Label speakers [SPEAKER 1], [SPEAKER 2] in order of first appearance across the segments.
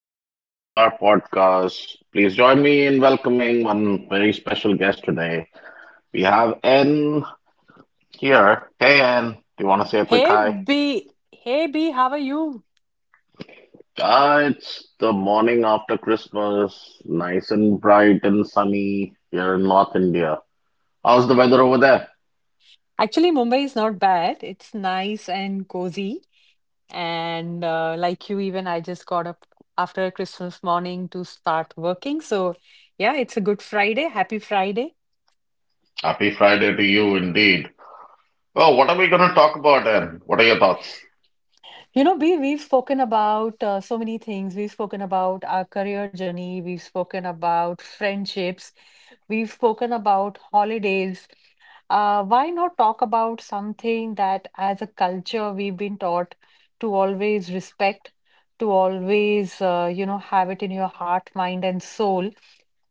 [SPEAKER 1] Welcome back to our podcast. Please join me in welcoming one very special guest today. We have N here. Hey, N, do you want to say a quick hi?
[SPEAKER 2] Hey B, how are you?
[SPEAKER 1] Ah, it's the morning after Christmas, nice and bright and sunny here in North India. How's the weather over there?
[SPEAKER 2] Actually, Mumbai is not bad. It's nice and cozy. And like you, even I just got up after Christmas morning to start working. So, yeah, it's a good Friday. Happy Friday.
[SPEAKER 1] Happy Friday to you, indeed. Well, what are we going to talk about, N? What are your thoughts?
[SPEAKER 2] You know, B, we've spoken about so many things. We've spoken about our career journey. We've spoken about friendships. We've spoken about holidays. Why not talk about something that, as a culture, we've been taught to always respect, to always, have it in your heart, mind, and soul,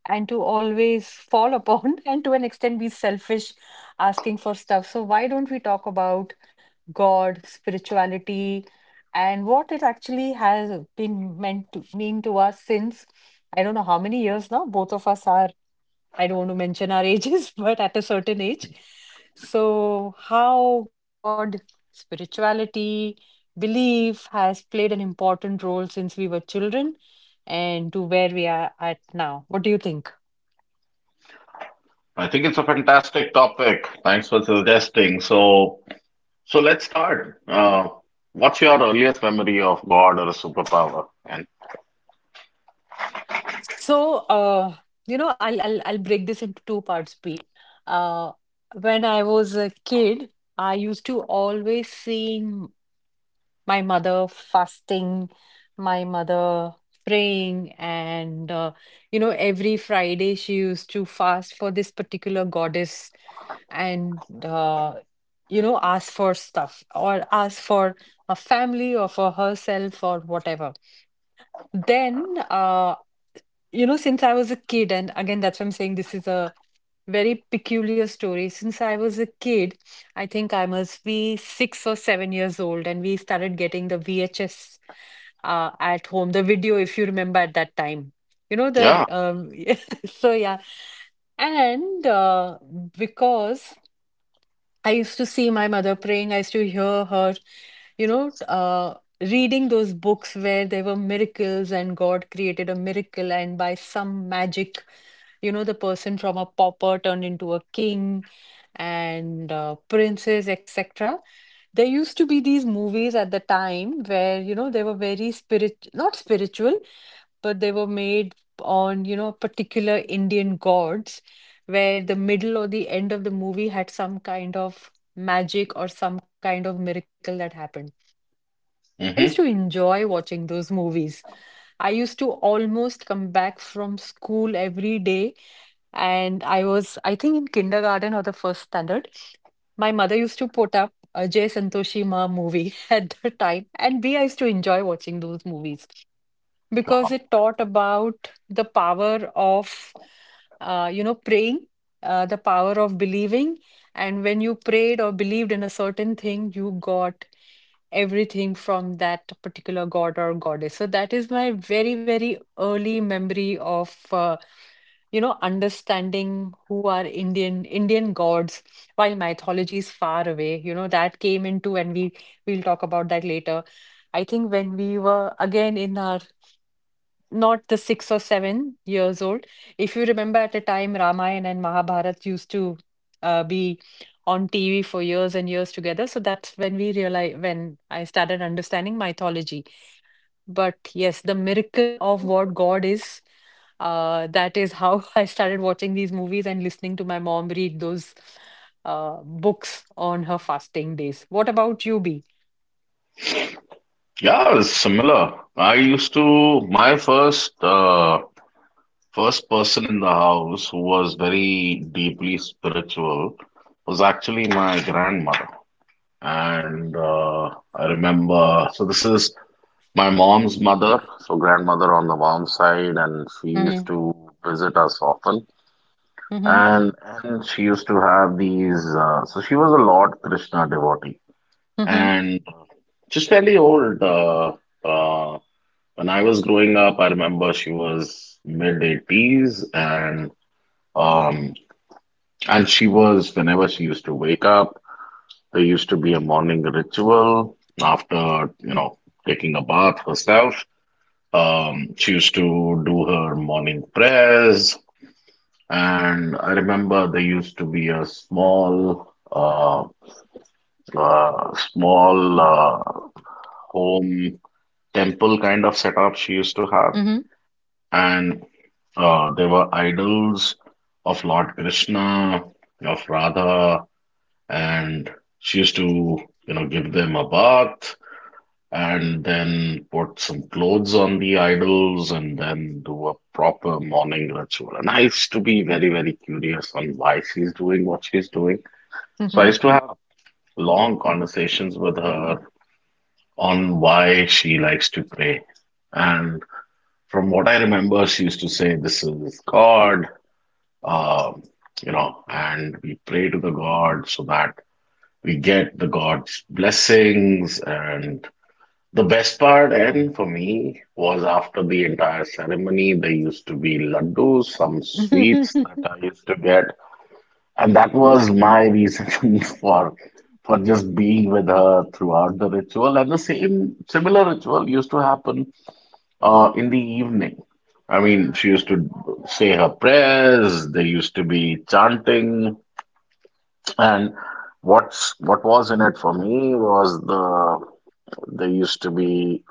[SPEAKER 2] and to always fall upon, and to an extent, be selfish, asking for stuff. So, why don't we talk about God, spirituality, and what it actually has been meant to mean to us since I don't know how many years now. Both of us are, I don't want to mention our ages, but at a certain age. So, how God, spirituality, belief has played an important role since we were children and to where we are at now. What do you think?
[SPEAKER 1] I think it's a fantastic topic. Thanks for suggesting. So. So let's start. What's your earliest memory of God or a superpower? And.
[SPEAKER 2] So, I'll break this into two parts, Pete. Uh, when I was a kid, I used to always seeing my mother fasting, my mother praying, and every Friday she used to fast for this particular goddess, and ask for stuff or ask for a family or for herself or whatever. Then, since I was a kid, and again, that's why I'm saying this is a very peculiar story. Since I was a kid, I think I must be 6 or 7 years old, and we started getting the VHS at home, the video, if you remember at that time. You know,
[SPEAKER 1] Yeah.
[SPEAKER 2] the so yeah. And because I used to see my mother praying. I used to hear her, you know, uh, reading those books where there were miracles and God created a miracle, and by some magic, you know, the person from a pauper turned into a king and princes, etc. There used to be these movies at the time where, you know, they were very spirit, not spiritual, but they were made on, you know, particular Indian gods where the middle or the end of the movie had some kind of magic or some kind of miracle that happened. I used
[SPEAKER 1] Hmm.
[SPEAKER 2] to enjoy watching those movies. I used to almost come back from school every day, and I was, I think, in kindergarten or the first standard. My mother used to put up Ajay Santoshi Ma movie at the time, and B, I used to enjoy watching those movies because
[SPEAKER 1] Wow.
[SPEAKER 2] it taught about the power of you know, praying, the power of believing, and when you prayed or believed in a certain thing you got everything from that particular god or goddess. So that is my very, very early memory of you know, understanding who are Indian gods, while mythology is far away, you know, that came into, and we'll talk about that later. I think when we were again in our, not the 6 or 7 years old. If you remember at a time, Ramayana and Mahabharat used to be on TV for years and years together. So that's when we realized, when I started understanding mythology. But yes, the miracle of what God is, that is how I started watching these movies and listening to my mom read those books on her fasting days. What about you, B?
[SPEAKER 1] Yeah, it's similar. My first first person in the house who was very deeply spiritual was actually my grandmother. And I remember, so this is my mom's mother, so grandmother on the mom's side, and she used
[SPEAKER 2] Mm-hmm.
[SPEAKER 1] to visit us often.
[SPEAKER 2] Mm-hmm.
[SPEAKER 1] and and she used to have these. So she was a Lord Krishna devotee,
[SPEAKER 2] Mm-hmm.
[SPEAKER 1] and just fairly old. Uh, when I was growing up, I remember she was mid 80s, um, and she was whenever she used to wake up, there used to be a morning ritual after taking a bath herself. She used to do her morning prayers. And I remember there used to be a small home temple kind of setup she used to have.
[SPEAKER 2] Mm-hmm.
[SPEAKER 1] And There were idols of Lord Krishna, of Radha, and she used to, give them a bath and then put some clothes on the idols and then do a proper morning ritual. And I used to be very, very curious on why she's doing what she's doing. So I
[SPEAKER 2] Mm-hmm.
[SPEAKER 1] used to have long conversations with her on why she likes to pray. And from what I remember, she used to say, "This is God, um, and we pray to the God so that we get the God's blessings." And the best part, and for me, was after the entire ceremony, there used to be laddus, some sweets that I used to get, and that was my reason for just being with her throughout the ritual. And the same similar ritual used to happen in the evening. I mean, she used to say her prayers. There used to be chanting, and what was in it for me was the there used to be.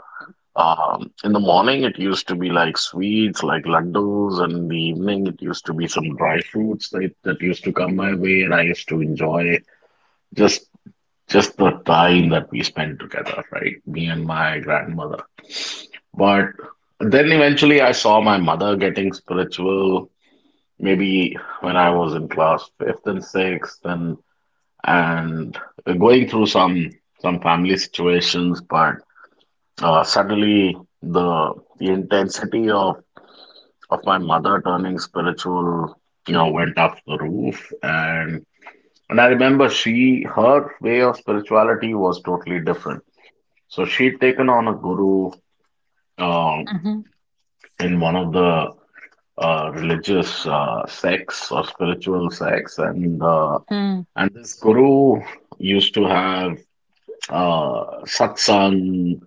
[SPEAKER 1] In the morning, it used to be like sweets, like laddus, and in the evening, it used to be some dry fruits that used to come my way, and I used to enjoy just just the time that we spent together, right? Me and my grandmother. But then eventually, I saw my mother getting spiritual, maybe when I was in class fifth and sixth, and going through some family situations, but. Suddenly, the intensity of, of my mother turning spiritual, went up the roof. And I remember she her way of spirituality was totally different. So she'd taken on a guru um, in one of the religious sects or spiritual sects. And and this guru used to have satsang,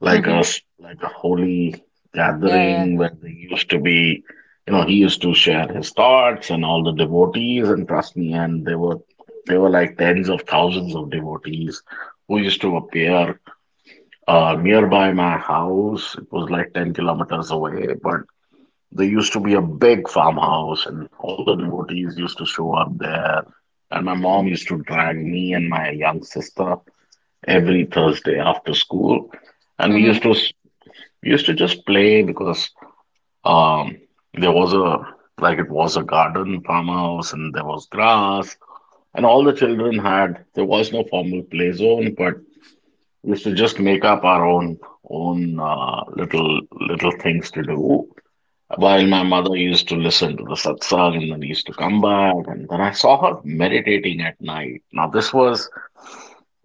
[SPEAKER 1] like a
[SPEAKER 2] Mm-hmm.
[SPEAKER 1] s- like a holy
[SPEAKER 2] Yeah, yeah.
[SPEAKER 1] gathering where they used to be, he used to share his thoughts, and all the devotees, and trust me, and they were like tens of thousands of devotees who used to appear nearby my house. It was like 10 kilometers away, but there used to be a big farmhouse and all the devotees used to show up there. And my mom used to drag me and my young sister every Thursday after school, and we used
[SPEAKER 2] Mm-hmm.
[SPEAKER 1] to we used to just play because, um, there was a, like it was a garden farmhouse and there was grass, and all the children had there was no formal play zone, but we used to just make up our own little things to do. While my mother used to listen to the satsang and then used to come back, and then I saw her meditating at night. Now, this was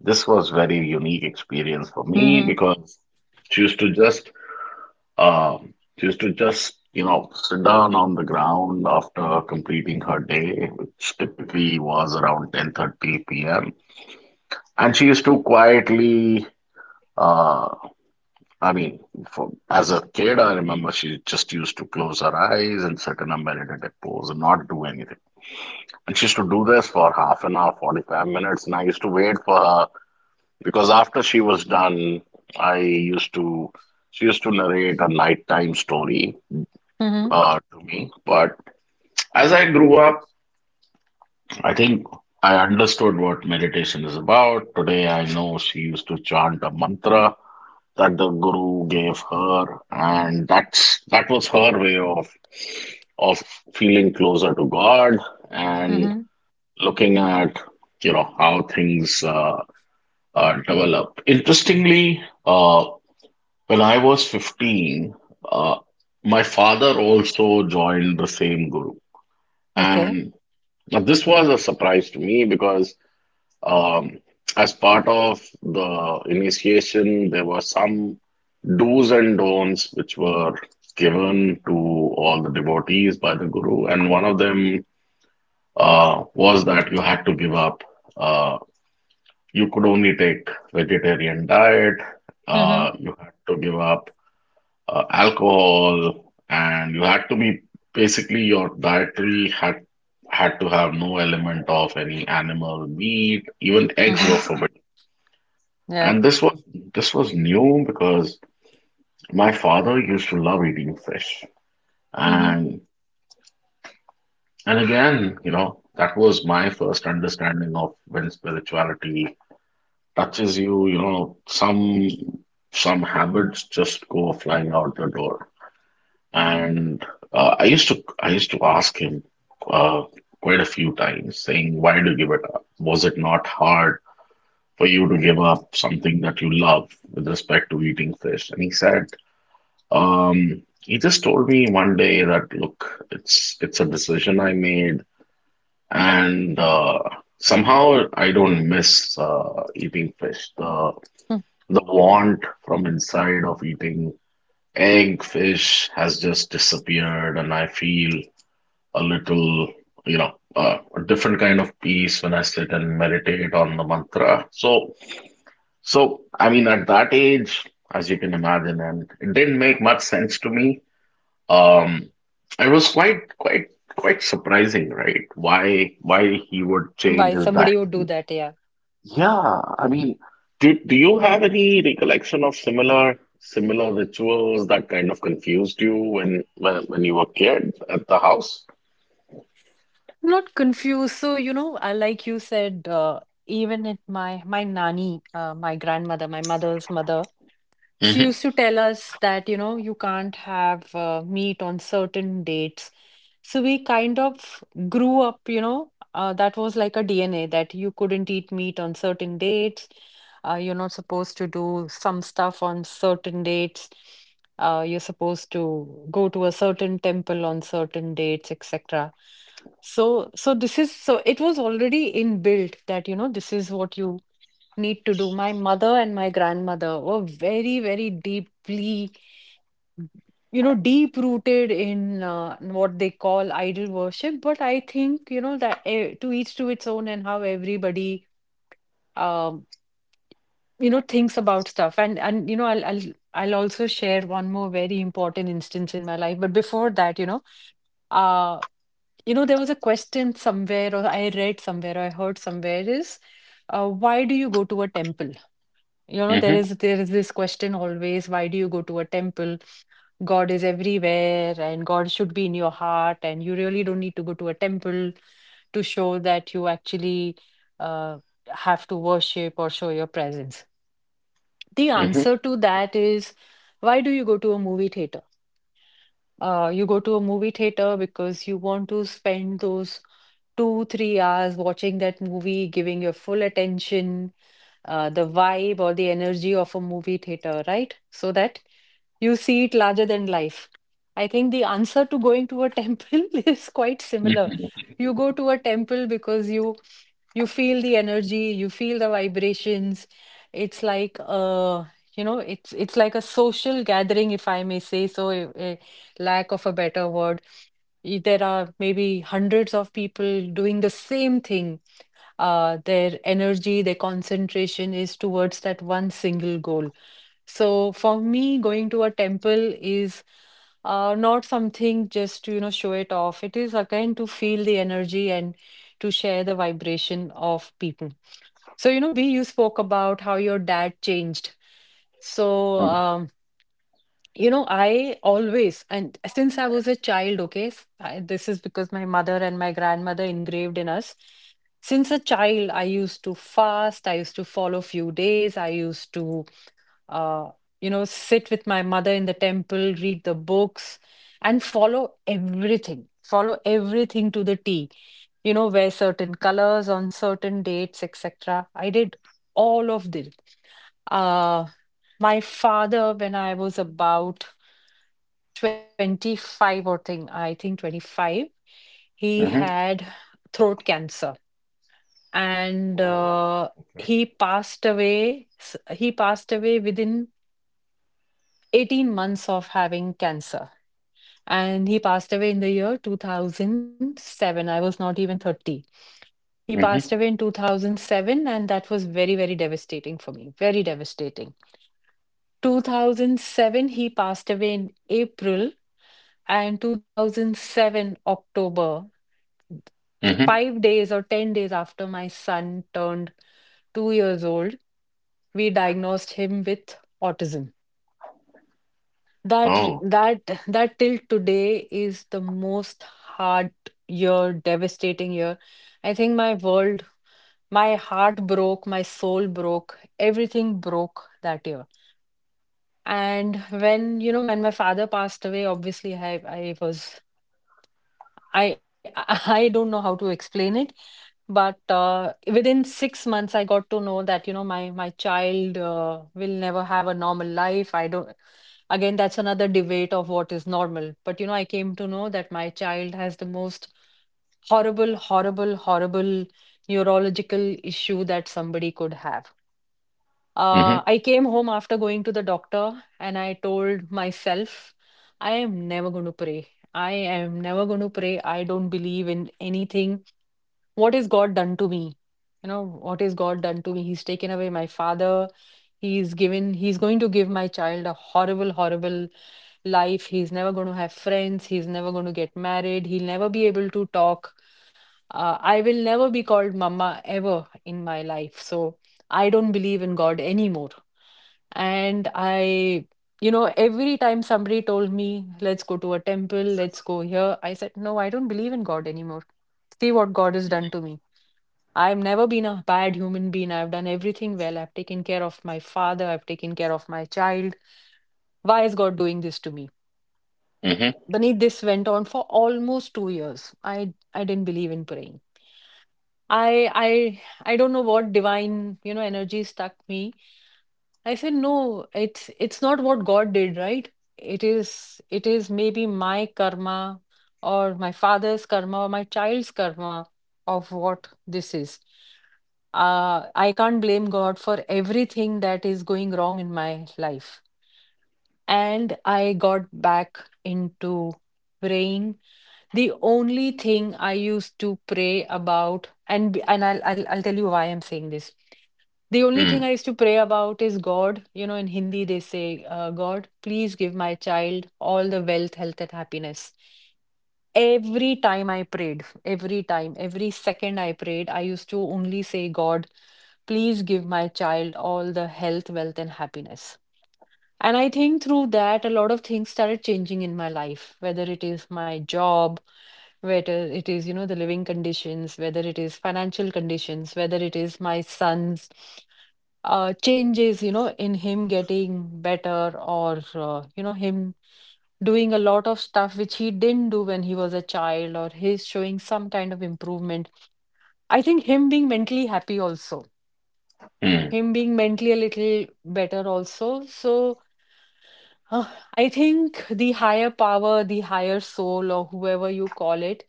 [SPEAKER 1] this was very unique experience for me,
[SPEAKER 2] Mm-hmm.
[SPEAKER 1] because she used to just she used to just, you know, sit down on the ground after completing her day, which typically was around 10:30 p.m. And she used to quietly, uh, I mean, as a kid, I remember she just used to close her eyes and sit in a meditative pose and not do anything. And she used to do this for half an hour, 45 minutes, and I used to wait for her because after she was done, I used to, she used to narrate a nighttime story
[SPEAKER 2] Mm-hmm.
[SPEAKER 1] to me. But as I grew up, I think I understood what meditation is about. Today, I know she used to chant a mantra that the guru gave her, and that was her way of feeling closer to God and
[SPEAKER 2] Mm-hmm.
[SPEAKER 1] looking at, how things develop. Interestingly, when I was 15, uh, my father also joined the same guru.
[SPEAKER 2] Okay.
[SPEAKER 1] And now, this was a surprise to me because, um, as part of the initiation, there were some do's and don'ts which were given to all the devotees by the guru, and one of them was that you had to give up. Uh, you could only take vegetarian diet.
[SPEAKER 2] Mm-hmm.
[SPEAKER 1] You had to give up alcohol, and you had to be basically your dietary had to have no element of any animal meat. Even eggs were
[SPEAKER 2] Mm-hmm.
[SPEAKER 1] forbidden.
[SPEAKER 2] Yeah.
[SPEAKER 1] And this was new because my father used to love eating fish.
[SPEAKER 2] Mm-hmm.
[SPEAKER 1] And and again, that was my first understanding of when spirituality touches you, some habits just go flying out the door. And I used to ask him uh, quite a few times, saying, "Why do you give it up? Was it not hard for you to give up something that you love with respect to eating fish?" And he said, he just told me one day that, "Look, it's a decision I made, and somehow I don't miss eating fish. The
[SPEAKER 2] Hmm.
[SPEAKER 1] the want from inside of eating egg, fish, has just disappeared, and I feel a little, you know, a different kind of peace when I sit and meditate on the mantra." So I mean, at that age, as you can imagine, and it didn't make much sense to me. Um, it was quite surprising, right? Why he would
[SPEAKER 2] Why
[SPEAKER 1] change his
[SPEAKER 2] somebody would do
[SPEAKER 1] dietary?
[SPEAKER 2] that, yeah.
[SPEAKER 1] Yeah, I mean, do you have any recollection of similar? Similar rituals that kind of confused you when you were a kid at the house?
[SPEAKER 2] Not confused. So, you know, I like you said, even at my nani, my grandmother, my mother's mother, she
[SPEAKER 1] Mm-hmm.
[SPEAKER 2] used to tell us that, you know, you can't have meat on certain dates. So we kind of grew up, you know, that was like a DNA that you couldn't eat meat on certain dates. You're not supposed to do some stuff on certain dates. You're supposed to go to a certain temple on certain dates, etc. So, so this is, so it was already inbuilt that, you know, this is what you need to do. My mother and my grandmother were very, very deeply, you know, deep rooted in what they call idol worship. But I think, you know, that to each to its own and how everybody, um, you know, thinks about stuff. And you know, I'll also share one more very important instance in my life. But before that, uh, you know, there was a question somewhere, or I read somewhere, or I heard somewhere is, why do you go to a temple? You know, there is this question always, why do you go to a temple? God is everywhere and God should be in your heart, and you really don't need to go to a temple to show that you actually uh, have to worship or show your presence. The
[SPEAKER 1] Mm-hmm.
[SPEAKER 2] answer to that is, why do you go to a movie theater? You go to a movie theater because you want to spend those two, 3 hours watching that movie, giving your full attention, the vibe or the energy of a movie theater, right? So that you see it larger than life. I think the answer to going to a temple is quite similar.
[SPEAKER 1] Mm-hmm.
[SPEAKER 2] You go to a temple because you feel the energy, you feel the vibrations. It's like it's like a social gathering, if I may say so. Lack of a better word. There are maybe hundreds of people doing the same thing. Their energy, their concentration is towards that one single goal. So for me, going to a temple is not something just to, you know, show it off. It is again to feel the energy and to share the vibration of people. So, you know, B, you spoke about how your dad changed. So,
[SPEAKER 1] Mm-hmm.
[SPEAKER 2] um, you know, I always, and since I was a child, okay, I, this is because my mother and my grandmother engraved in us. Since a child, I used to fast, I used to follow few days, I used to, uh, you know, sit with my mother in the temple, read the books, and follow everything to the T. You know, wear certain colors on certain dates, etc. I did all of this. Uh, my father, when I was about 25 or thing i think 25, he
[SPEAKER 1] Mm-hmm.
[SPEAKER 2] had throat cancer, and
[SPEAKER 1] Oh, okay.
[SPEAKER 2] he passed away he passed away within 18 months of having cancer, and he passed away in the year 2007. I was not even 30. He passed
[SPEAKER 1] Mm-hmm.
[SPEAKER 2] away in 2007, and that was very, very devastating for me, very devastating. 2007, he passed away in April, and 2007 October,
[SPEAKER 1] Mm-hmm.
[SPEAKER 2] 5 days or 10 days after my son turned 2 years old, we diagnosed him with autism. That
[SPEAKER 1] Oh.
[SPEAKER 2] that that till today is the most hard year, devastating year. I think my world, my heart broke, my soul broke, everything broke that year. And when, you know, when my father passed away, obviously I was I I don't know how to explain it, but within 6 months, I got to know that you know my child will never have a normal life. I don't. Again, that's another debate of what is normal. But you know, I came to know that my child has the most horrible, horrible, horrible neurological issue that somebody could have.
[SPEAKER 1] Mm-hmm.
[SPEAKER 2] I came home after going to the doctor and I told myself, I am never going to pray. I am never going to pray. I don't believe in anything. What has God done to me? You know, what has God done to me? He's taken away my father. He's given, he's going to give my child a horrible, horrible life. He's never going to have friends. He's never going to get married. He'll never be able to talk. I will never be called mama ever in my life. So." I don't believe in God anymore. And I, you know, every time somebody told me, let's go to a temple, let's go here, I said, no, I don't believe in God anymore. See what God has done to me. I've never been a bad human being. I've done everything well. I've taken care of my father. I've taken care of my child. Why is God doing this to me?
[SPEAKER 1] Mm-hmm.
[SPEAKER 2] Beneath this went on for almost 2 years. I didn't believe in praying. I don't know what divine, you know, energy stuck me. I said, no, it's not what God did, right? It is maybe my karma or my father's karma or my child's karma of what this is. I can't blame God for everything that is going wrong in my life. And I got back into praying. The only thing I used to pray about, and I'll tell you why I'm saying this. The only thing
[SPEAKER 1] Mm.
[SPEAKER 2] I used to pray about is God. You know, in Hindi, they say, God, please give my child all the wealth, health, and happiness. Every time I prayed, every time, every second I prayed, I used to only say, God, please give my child all the health, wealth, and happiness. And I think through that, a lot of things started changing in my life, whether it is my job, whether it is the living conditions, whether it is financial conditions, whether it is my sons changes, in him getting better, or, him doing a lot of stuff which he didn't do when he was a child, or his showing some kind of improvement. I think him being mentally happy also,
[SPEAKER 1] Mm.
[SPEAKER 2] him being mentally a little better also. So uh, I think the higher power, the higher soul, or whoever you call it,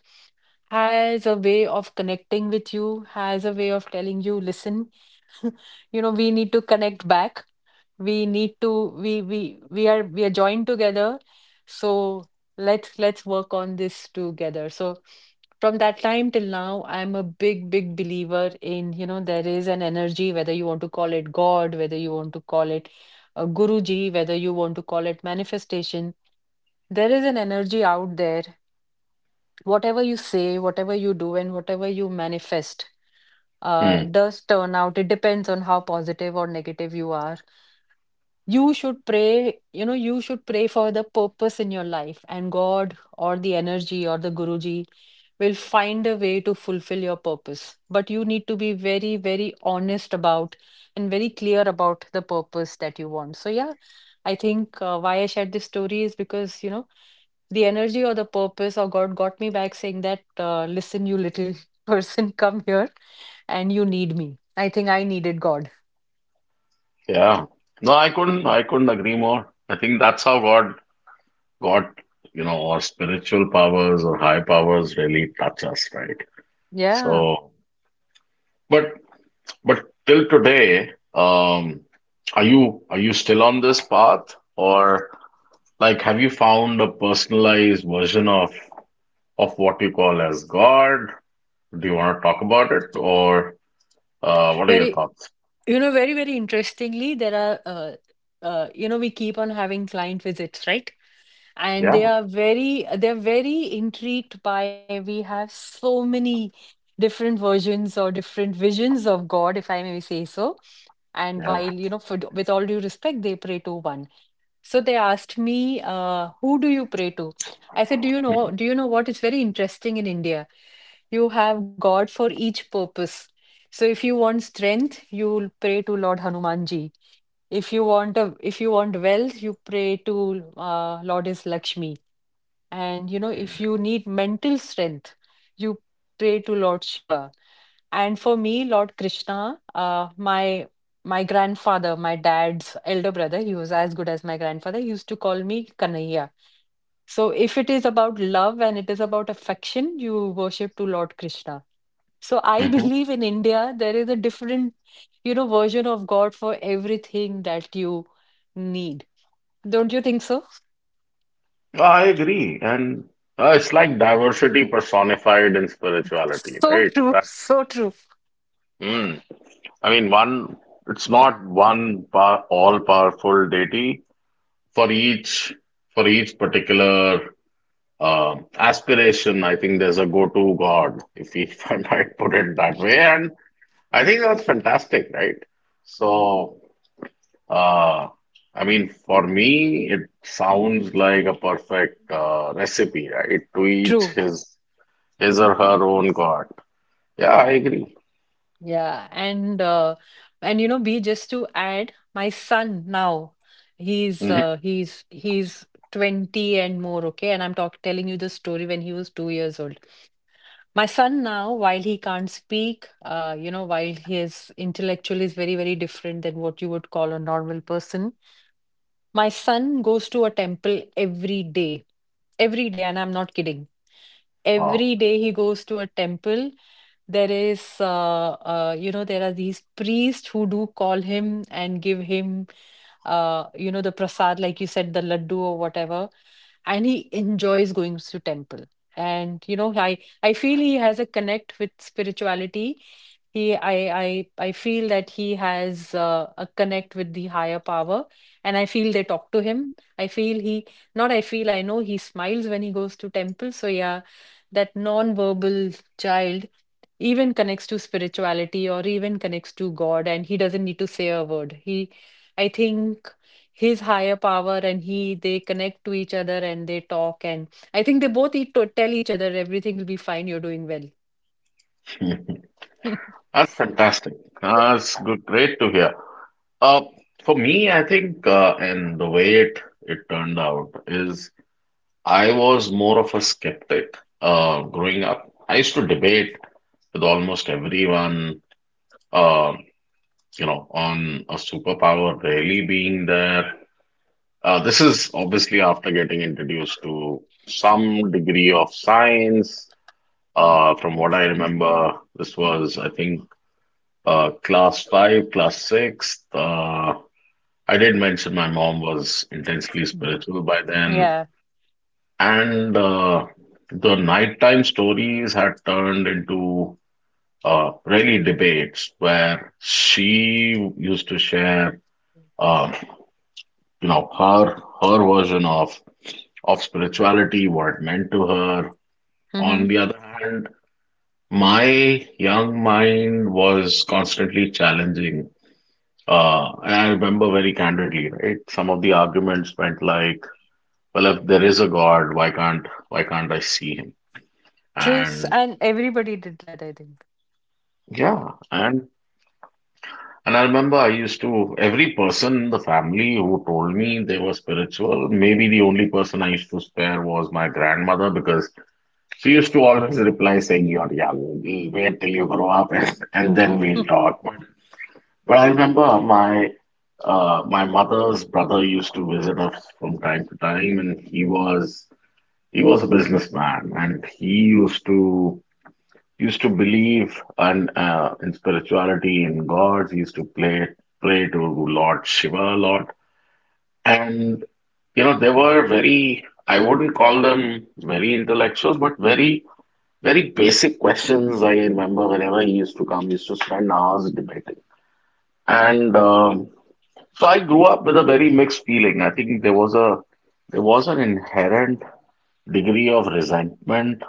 [SPEAKER 2] has a way of connecting with you, has a way of telling you, listen, we need to connect back. We need to we are joined together, so let's work on this together. So from that time till now, I'm a big believer in, there is an energy, whether you want to call it God, whether you want to call it a guruji, whether you want to call it manifestation. There is an energy out there. Whatever you say, whatever you do, and whatever you manifest,
[SPEAKER 1] Mm.
[SPEAKER 2] does turn out. It depends on how positive or negative you are. You should pray. You should pray for the purpose in your life, and God or the energy or the guruji will find a way to fulfill your purpose. But you need to be very honest about and very clear about the purpose that you want. So yeah, I think, why I shared this story is because, the energy or the purpose or God got me back saying that, listen, you little person, come here, and you need me. I think I needed God.
[SPEAKER 1] Yeah. No, I couldn't agree more. I think that's how God God, or spiritual powers or high powers really touch us, right?
[SPEAKER 2] Yeah.
[SPEAKER 1] So. But but till today, are you still on this path, or like have you found a personalized version of what you call as God? Do you want to talk about it, or what are
[SPEAKER 2] very
[SPEAKER 1] your thoughts?
[SPEAKER 2] You know, very interestingly, there are, we keep on having client visits, right? And they
[SPEAKER 1] Yeah,
[SPEAKER 2] are very, they're very intrigued by, we have so many different versions or different visions of God, if I may say so. And
[SPEAKER 1] yeah.
[SPEAKER 2] while, for, with all due respect, they pray to one. So they asked me, who do you pray to? I said, do you know what? It's very interesting in India. You have God for each purpose. So if you want strength, you will pray to Lord Hanumanji. If you want wealth, you pray to Lordess Lakshmi. And you know, if you need mental strength, you pray to Lord Shiva. And for me, Lord Krishna, my my grandfather, my dad's elder brother, he was as good as my grandfather, he used to call me Kanhaiya. So if it is about love and it is about affection, you worship to Lord Krishna. So I
[SPEAKER 1] Mm-hmm.
[SPEAKER 2] believe in India, there is a different, version of God for everything that you need. Don't you think so?
[SPEAKER 1] I agree. And it's like diversity personified in spirituality, right? That's,
[SPEAKER 2] So true,
[SPEAKER 1] mm. I mean, it's not all-powerful deity for each for each particular aspiration. I think there's a go-to god, if, we, if I might put it that way. And I think that's fantastic, right? So. Uh, I mean, for me, it sounds like a perfect recipe, right? To each
[SPEAKER 2] true.
[SPEAKER 1] his or her own god. Yeah, I agree.
[SPEAKER 2] Yeah, and you know, B, just to add, my son now, he's
[SPEAKER 1] Mhm.
[SPEAKER 2] uh, he's he's 20 and more, okay? And I'm talk telling you the story when he was 2 years old. My son now, while he can't speak, while his intellectual is very, very different than what you would call a normal person, my son goes to a temple every day, and I'm not kidding. Every
[SPEAKER 1] Wow,
[SPEAKER 2] day he goes to a temple. There is, there are these priests who do call him and give him, the prasad, like you said, the laddu or whatever. And he enjoys going to temple. And, you know, I feel he has a connect with spirituality. He, I, I, I feel that he has a connect with the higher power, and I feel they talk to him. I feel he, not I feel, I know he smiles when he goes to temple. So yeah, that non-verbal child even connects to spirituality or even connects to God, and he doesn't need to say a word. I think his higher power and he, they connect to each other and they talk, and I think they both eat to tell each other everything will be fine, you're doing well.
[SPEAKER 1] that's fantastic. That's good, great to hear. Uh, for me, I think, and the way it turned out is, I was more of a skeptic growing up. I used to debate with almost everyone, uh, on a superpower really being there. This is obviously after getting introduced to some degree of science. From what I remember, this was, I think, class five, class six. I did mention my mom was intensely
[SPEAKER 2] Mm.
[SPEAKER 1] spiritual by then,
[SPEAKER 2] Yeah.
[SPEAKER 1] and the nighttime stories had turned into really debates where she used to share. Uh, you know her version of spirituality, what it meant to her. On
[SPEAKER 2] Mhm.
[SPEAKER 1] the other hand, my young mind was constantly challenging. And I remember very candidly, right, some of the arguments went like, well, if there is a god, why can't I see him?
[SPEAKER 2] Truth,
[SPEAKER 1] And
[SPEAKER 2] and everybody did that, I think.
[SPEAKER 1] yeah, and I remember I used to, every person in the family who told me they were spiritual, maybe the only person I used to spare was my grandmother, because she used to always reply saying, "You're young, we'll wait till you grow up and, then we'll talk." But I remember my my mother's brother used to visit us from time to time, and he was a businessman, and he used to believe in spirituality, in gods. He used to play, pray to Lord Shiva a lot. And you know, they were very, I wouldn't call them very intellectuals, but very very basic questions. I remember whenever he used to come, he used to spend hours debating. And so I grew up with a very mixed feeling. I think there was a there was an inherent degree of resentment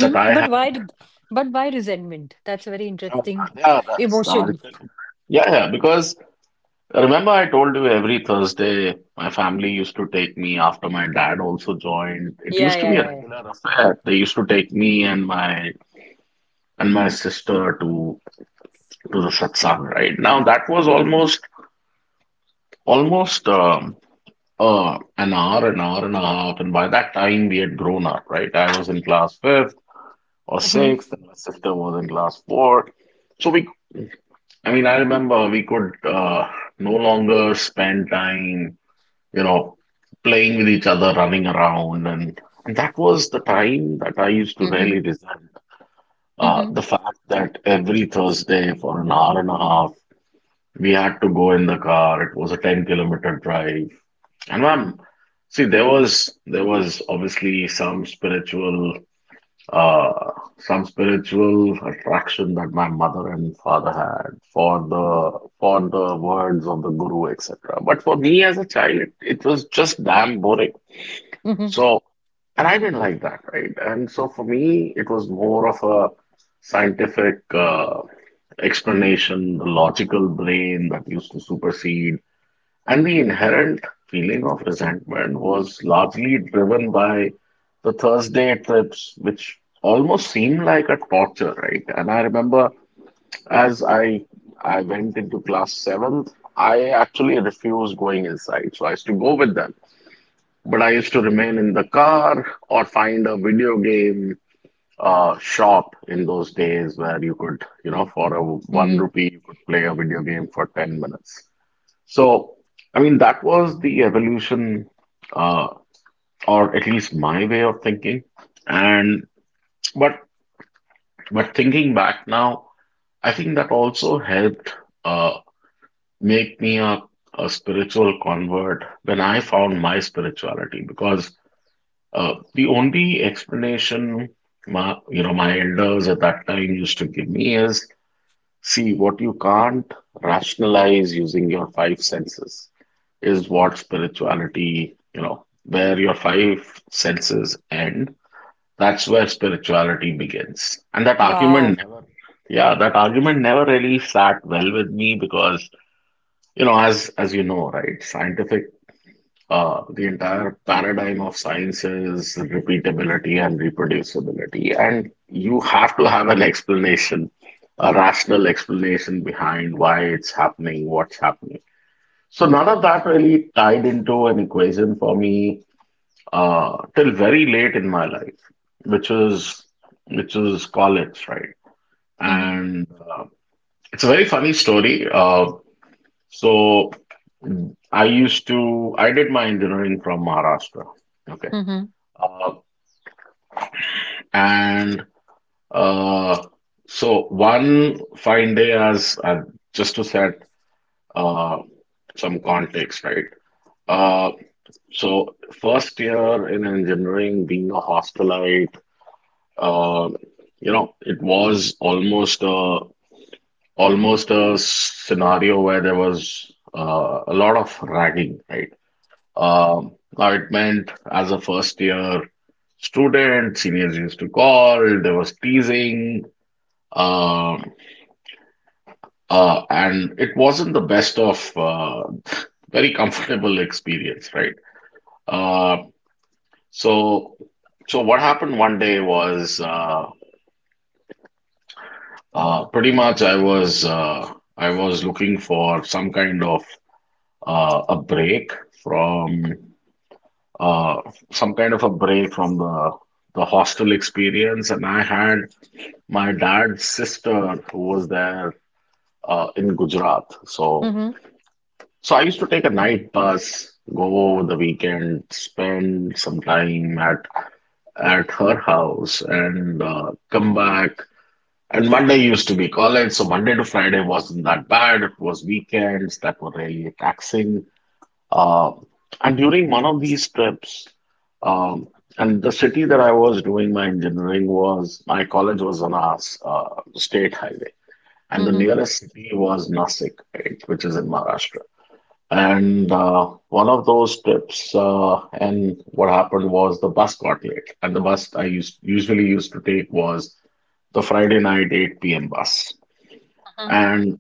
[SPEAKER 1] that I
[SPEAKER 2] But
[SPEAKER 1] had.
[SPEAKER 2] why? Did- But why resentment? That's a very
[SPEAKER 1] Oh,
[SPEAKER 2] interesting
[SPEAKER 1] yeah, that's the only
[SPEAKER 2] emotion.
[SPEAKER 1] thing. Yeah, yeah, because remember I told you, every Thursday my family used to take me, after my dad also joined, it
[SPEAKER 2] Yeah,
[SPEAKER 1] used to
[SPEAKER 2] yeah,
[SPEAKER 1] be a
[SPEAKER 2] yeah, yeah.
[SPEAKER 1] regular affair. They used to take me and my sister to the satsang, right? Now that was almost almost an hour and a half, and by that time we had grown up, right? I was in class fifth or
[SPEAKER 2] Mm-hmm.
[SPEAKER 1] sixth, and my sister was in class fourth. So we, I mean, I remember we could no longer spend time, you know, playing with each other, running around. And that was the time that I used to
[SPEAKER 2] Mm-hmm.
[SPEAKER 1] really resent
[SPEAKER 2] Mm-hmm.
[SPEAKER 1] the fact that every Thursday for an hour and a half, we had to go in the car. It was a 10-kilometer drive. And ma'am, see, there was obviously uh some spiritual attraction that my mother and father had for the words of the guru, etc. But for me as a child, it was just damn boring.
[SPEAKER 2] Mm-hmm.
[SPEAKER 1] So, and I didn't like that, right? And so for me, it was more of a scientific explanation. The logical brain that used to supersede, and the inherent feeling of resentment was largely driven by the Thursday trips, which almost seemed like a torture, right? And I remember as I went into class seventh, I actually refused going inside. So I used to go with them, but I used to remain in the car or find a video game shop in those days where you could, you know, for a one
[SPEAKER 2] Mm-hmm.
[SPEAKER 1] rupee you could play a video game for 10 minutes. So, I mean, that was the evolution, uh, or at least my way of thinking. And but but thinking back now, I think that also helped uh, make me a spiritual convert when I found my spirituality, because the only explanation my, you know, my elders at that time used to give me is, see, what you can't rationalize using your five senses is what spirituality, you know, where your five senses end, that's where spirituality begins. And that
[SPEAKER 2] Wow.
[SPEAKER 1] argument never, yeah, that argument never really sat well with me, because, you know, as you know, right, scientific, the entire paradigm of science is repeatability and reproducibility, and you have to have an explanation, a rational explanation behind why it's happening, what's happening. So none of that really tied into an equation for me till very late in my life, which is which is college, right?
[SPEAKER 2] Mm-hmm.
[SPEAKER 1] And It's a very funny story. So I used to I did my engineering from Maharashtra, okay,
[SPEAKER 2] Mm-hmm.
[SPEAKER 1] uh, and uh, so one fine day, as just to set uh, some context, right? Uh, So first year in engineering, being a hostelite, uh, you know, it was almost a scenario where there was a lot of ragging, right? Now it meant, as a first year student, seniors used to call, there was teasing, uh, and it wasn't the best of very comfortable experience, right? Uh, So, so what happened one day was, pretty much, I was looking for some kind of a break from uh, some kind of a break from the hostel experience, and I had my dad's sister who was there in Gujarat. So,
[SPEAKER 2] Mm-hmm.
[SPEAKER 1] so I used to take a night bus, go over the weekend, spend some time at her house, and come back. And Monday used to be college, so Monday to Friday wasn't that bad. It was weekends that were really taxing. Uh, and during one of these trips, um, and the city that I was doing my engineering was, my college was on a state highway, and the
[SPEAKER 2] Mm-hmm.
[SPEAKER 1] nearest city was Nasik, right, which is in Maharashtra. And One of those trips, and what happened was the bus got late, and the bus I used usually used to take was the Friday night 8 p.m. bus. And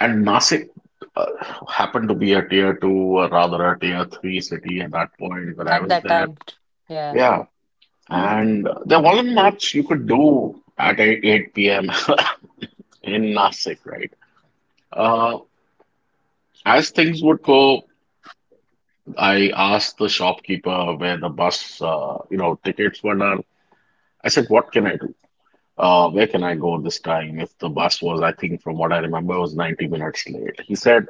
[SPEAKER 1] and Nasik uh, happened to be a tier two, or rather a tier three city at that point when I
[SPEAKER 2] At
[SPEAKER 1] was
[SPEAKER 2] that
[SPEAKER 1] there.
[SPEAKER 2] time, t- yeah.
[SPEAKER 1] Yeah, and there wasn't much you could do at 8 p.m. in Nasik, right? Uh, as things would go, I asked the shopkeeper where the bus, you know, tickets were done. I said, "What can I do? Where can I go this time?" If the bus was, I think, from what I remember, it was 90 minutes late. He said,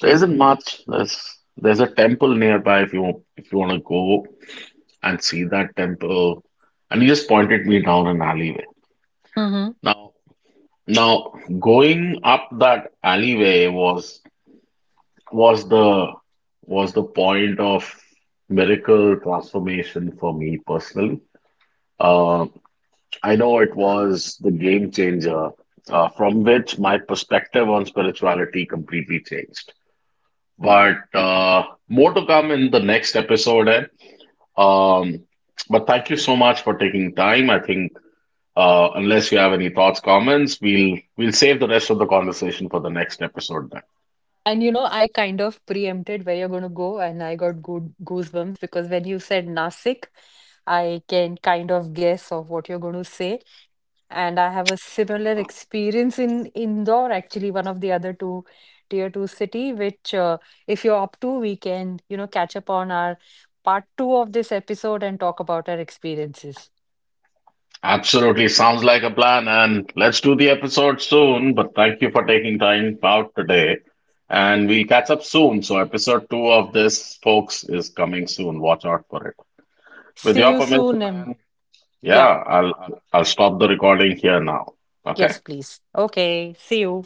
[SPEAKER 1] "There isn't much. There's a temple nearby, if you want to go and see that temple." And he just pointed me down an alleyway.
[SPEAKER 2] Mm-hmm.
[SPEAKER 1] Now now going up that alleyway was was the was the point of miracle transformation for me personally. Uh, I know it was the game changer, from which my perspective on spirituality completely changed. But more to come in the next episode. And Um, but thank you so much for taking time. I think unless you have any thoughts, comments, we'll save the rest of the conversation for the next episode then.
[SPEAKER 2] And you know, I kind of preempted where you're going to go, and I got good goosebumps because when you said Nasik, I can kind of guess of what you're going to say. And I have a similar experience in Indore, actually, one of the other two tier two city, which if you're up to, we can, you know, catch up on our part two of this episode and talk about our experiences.
[SPEAKER 1] Absolutely, sounds like a plan, and let's do the episode soon. But thank you for taking time out today, and we'll catch up soon. So episode 2 of this, folks, is coming soon. Watch out for it. With
[SPEAKER 2] See
[SPEAKER 1] your
[SPEAKER 2] you
[SPEAKER 1] permission,
[SPEAKER 2] soon. And
[SPEAKER 1] and
[SPEAKER 2] yep,
[SPEAKER 1] yeah, I'll stop the recording here now. Okay.
[SPEAKER 2] yes, please. Okay, see you.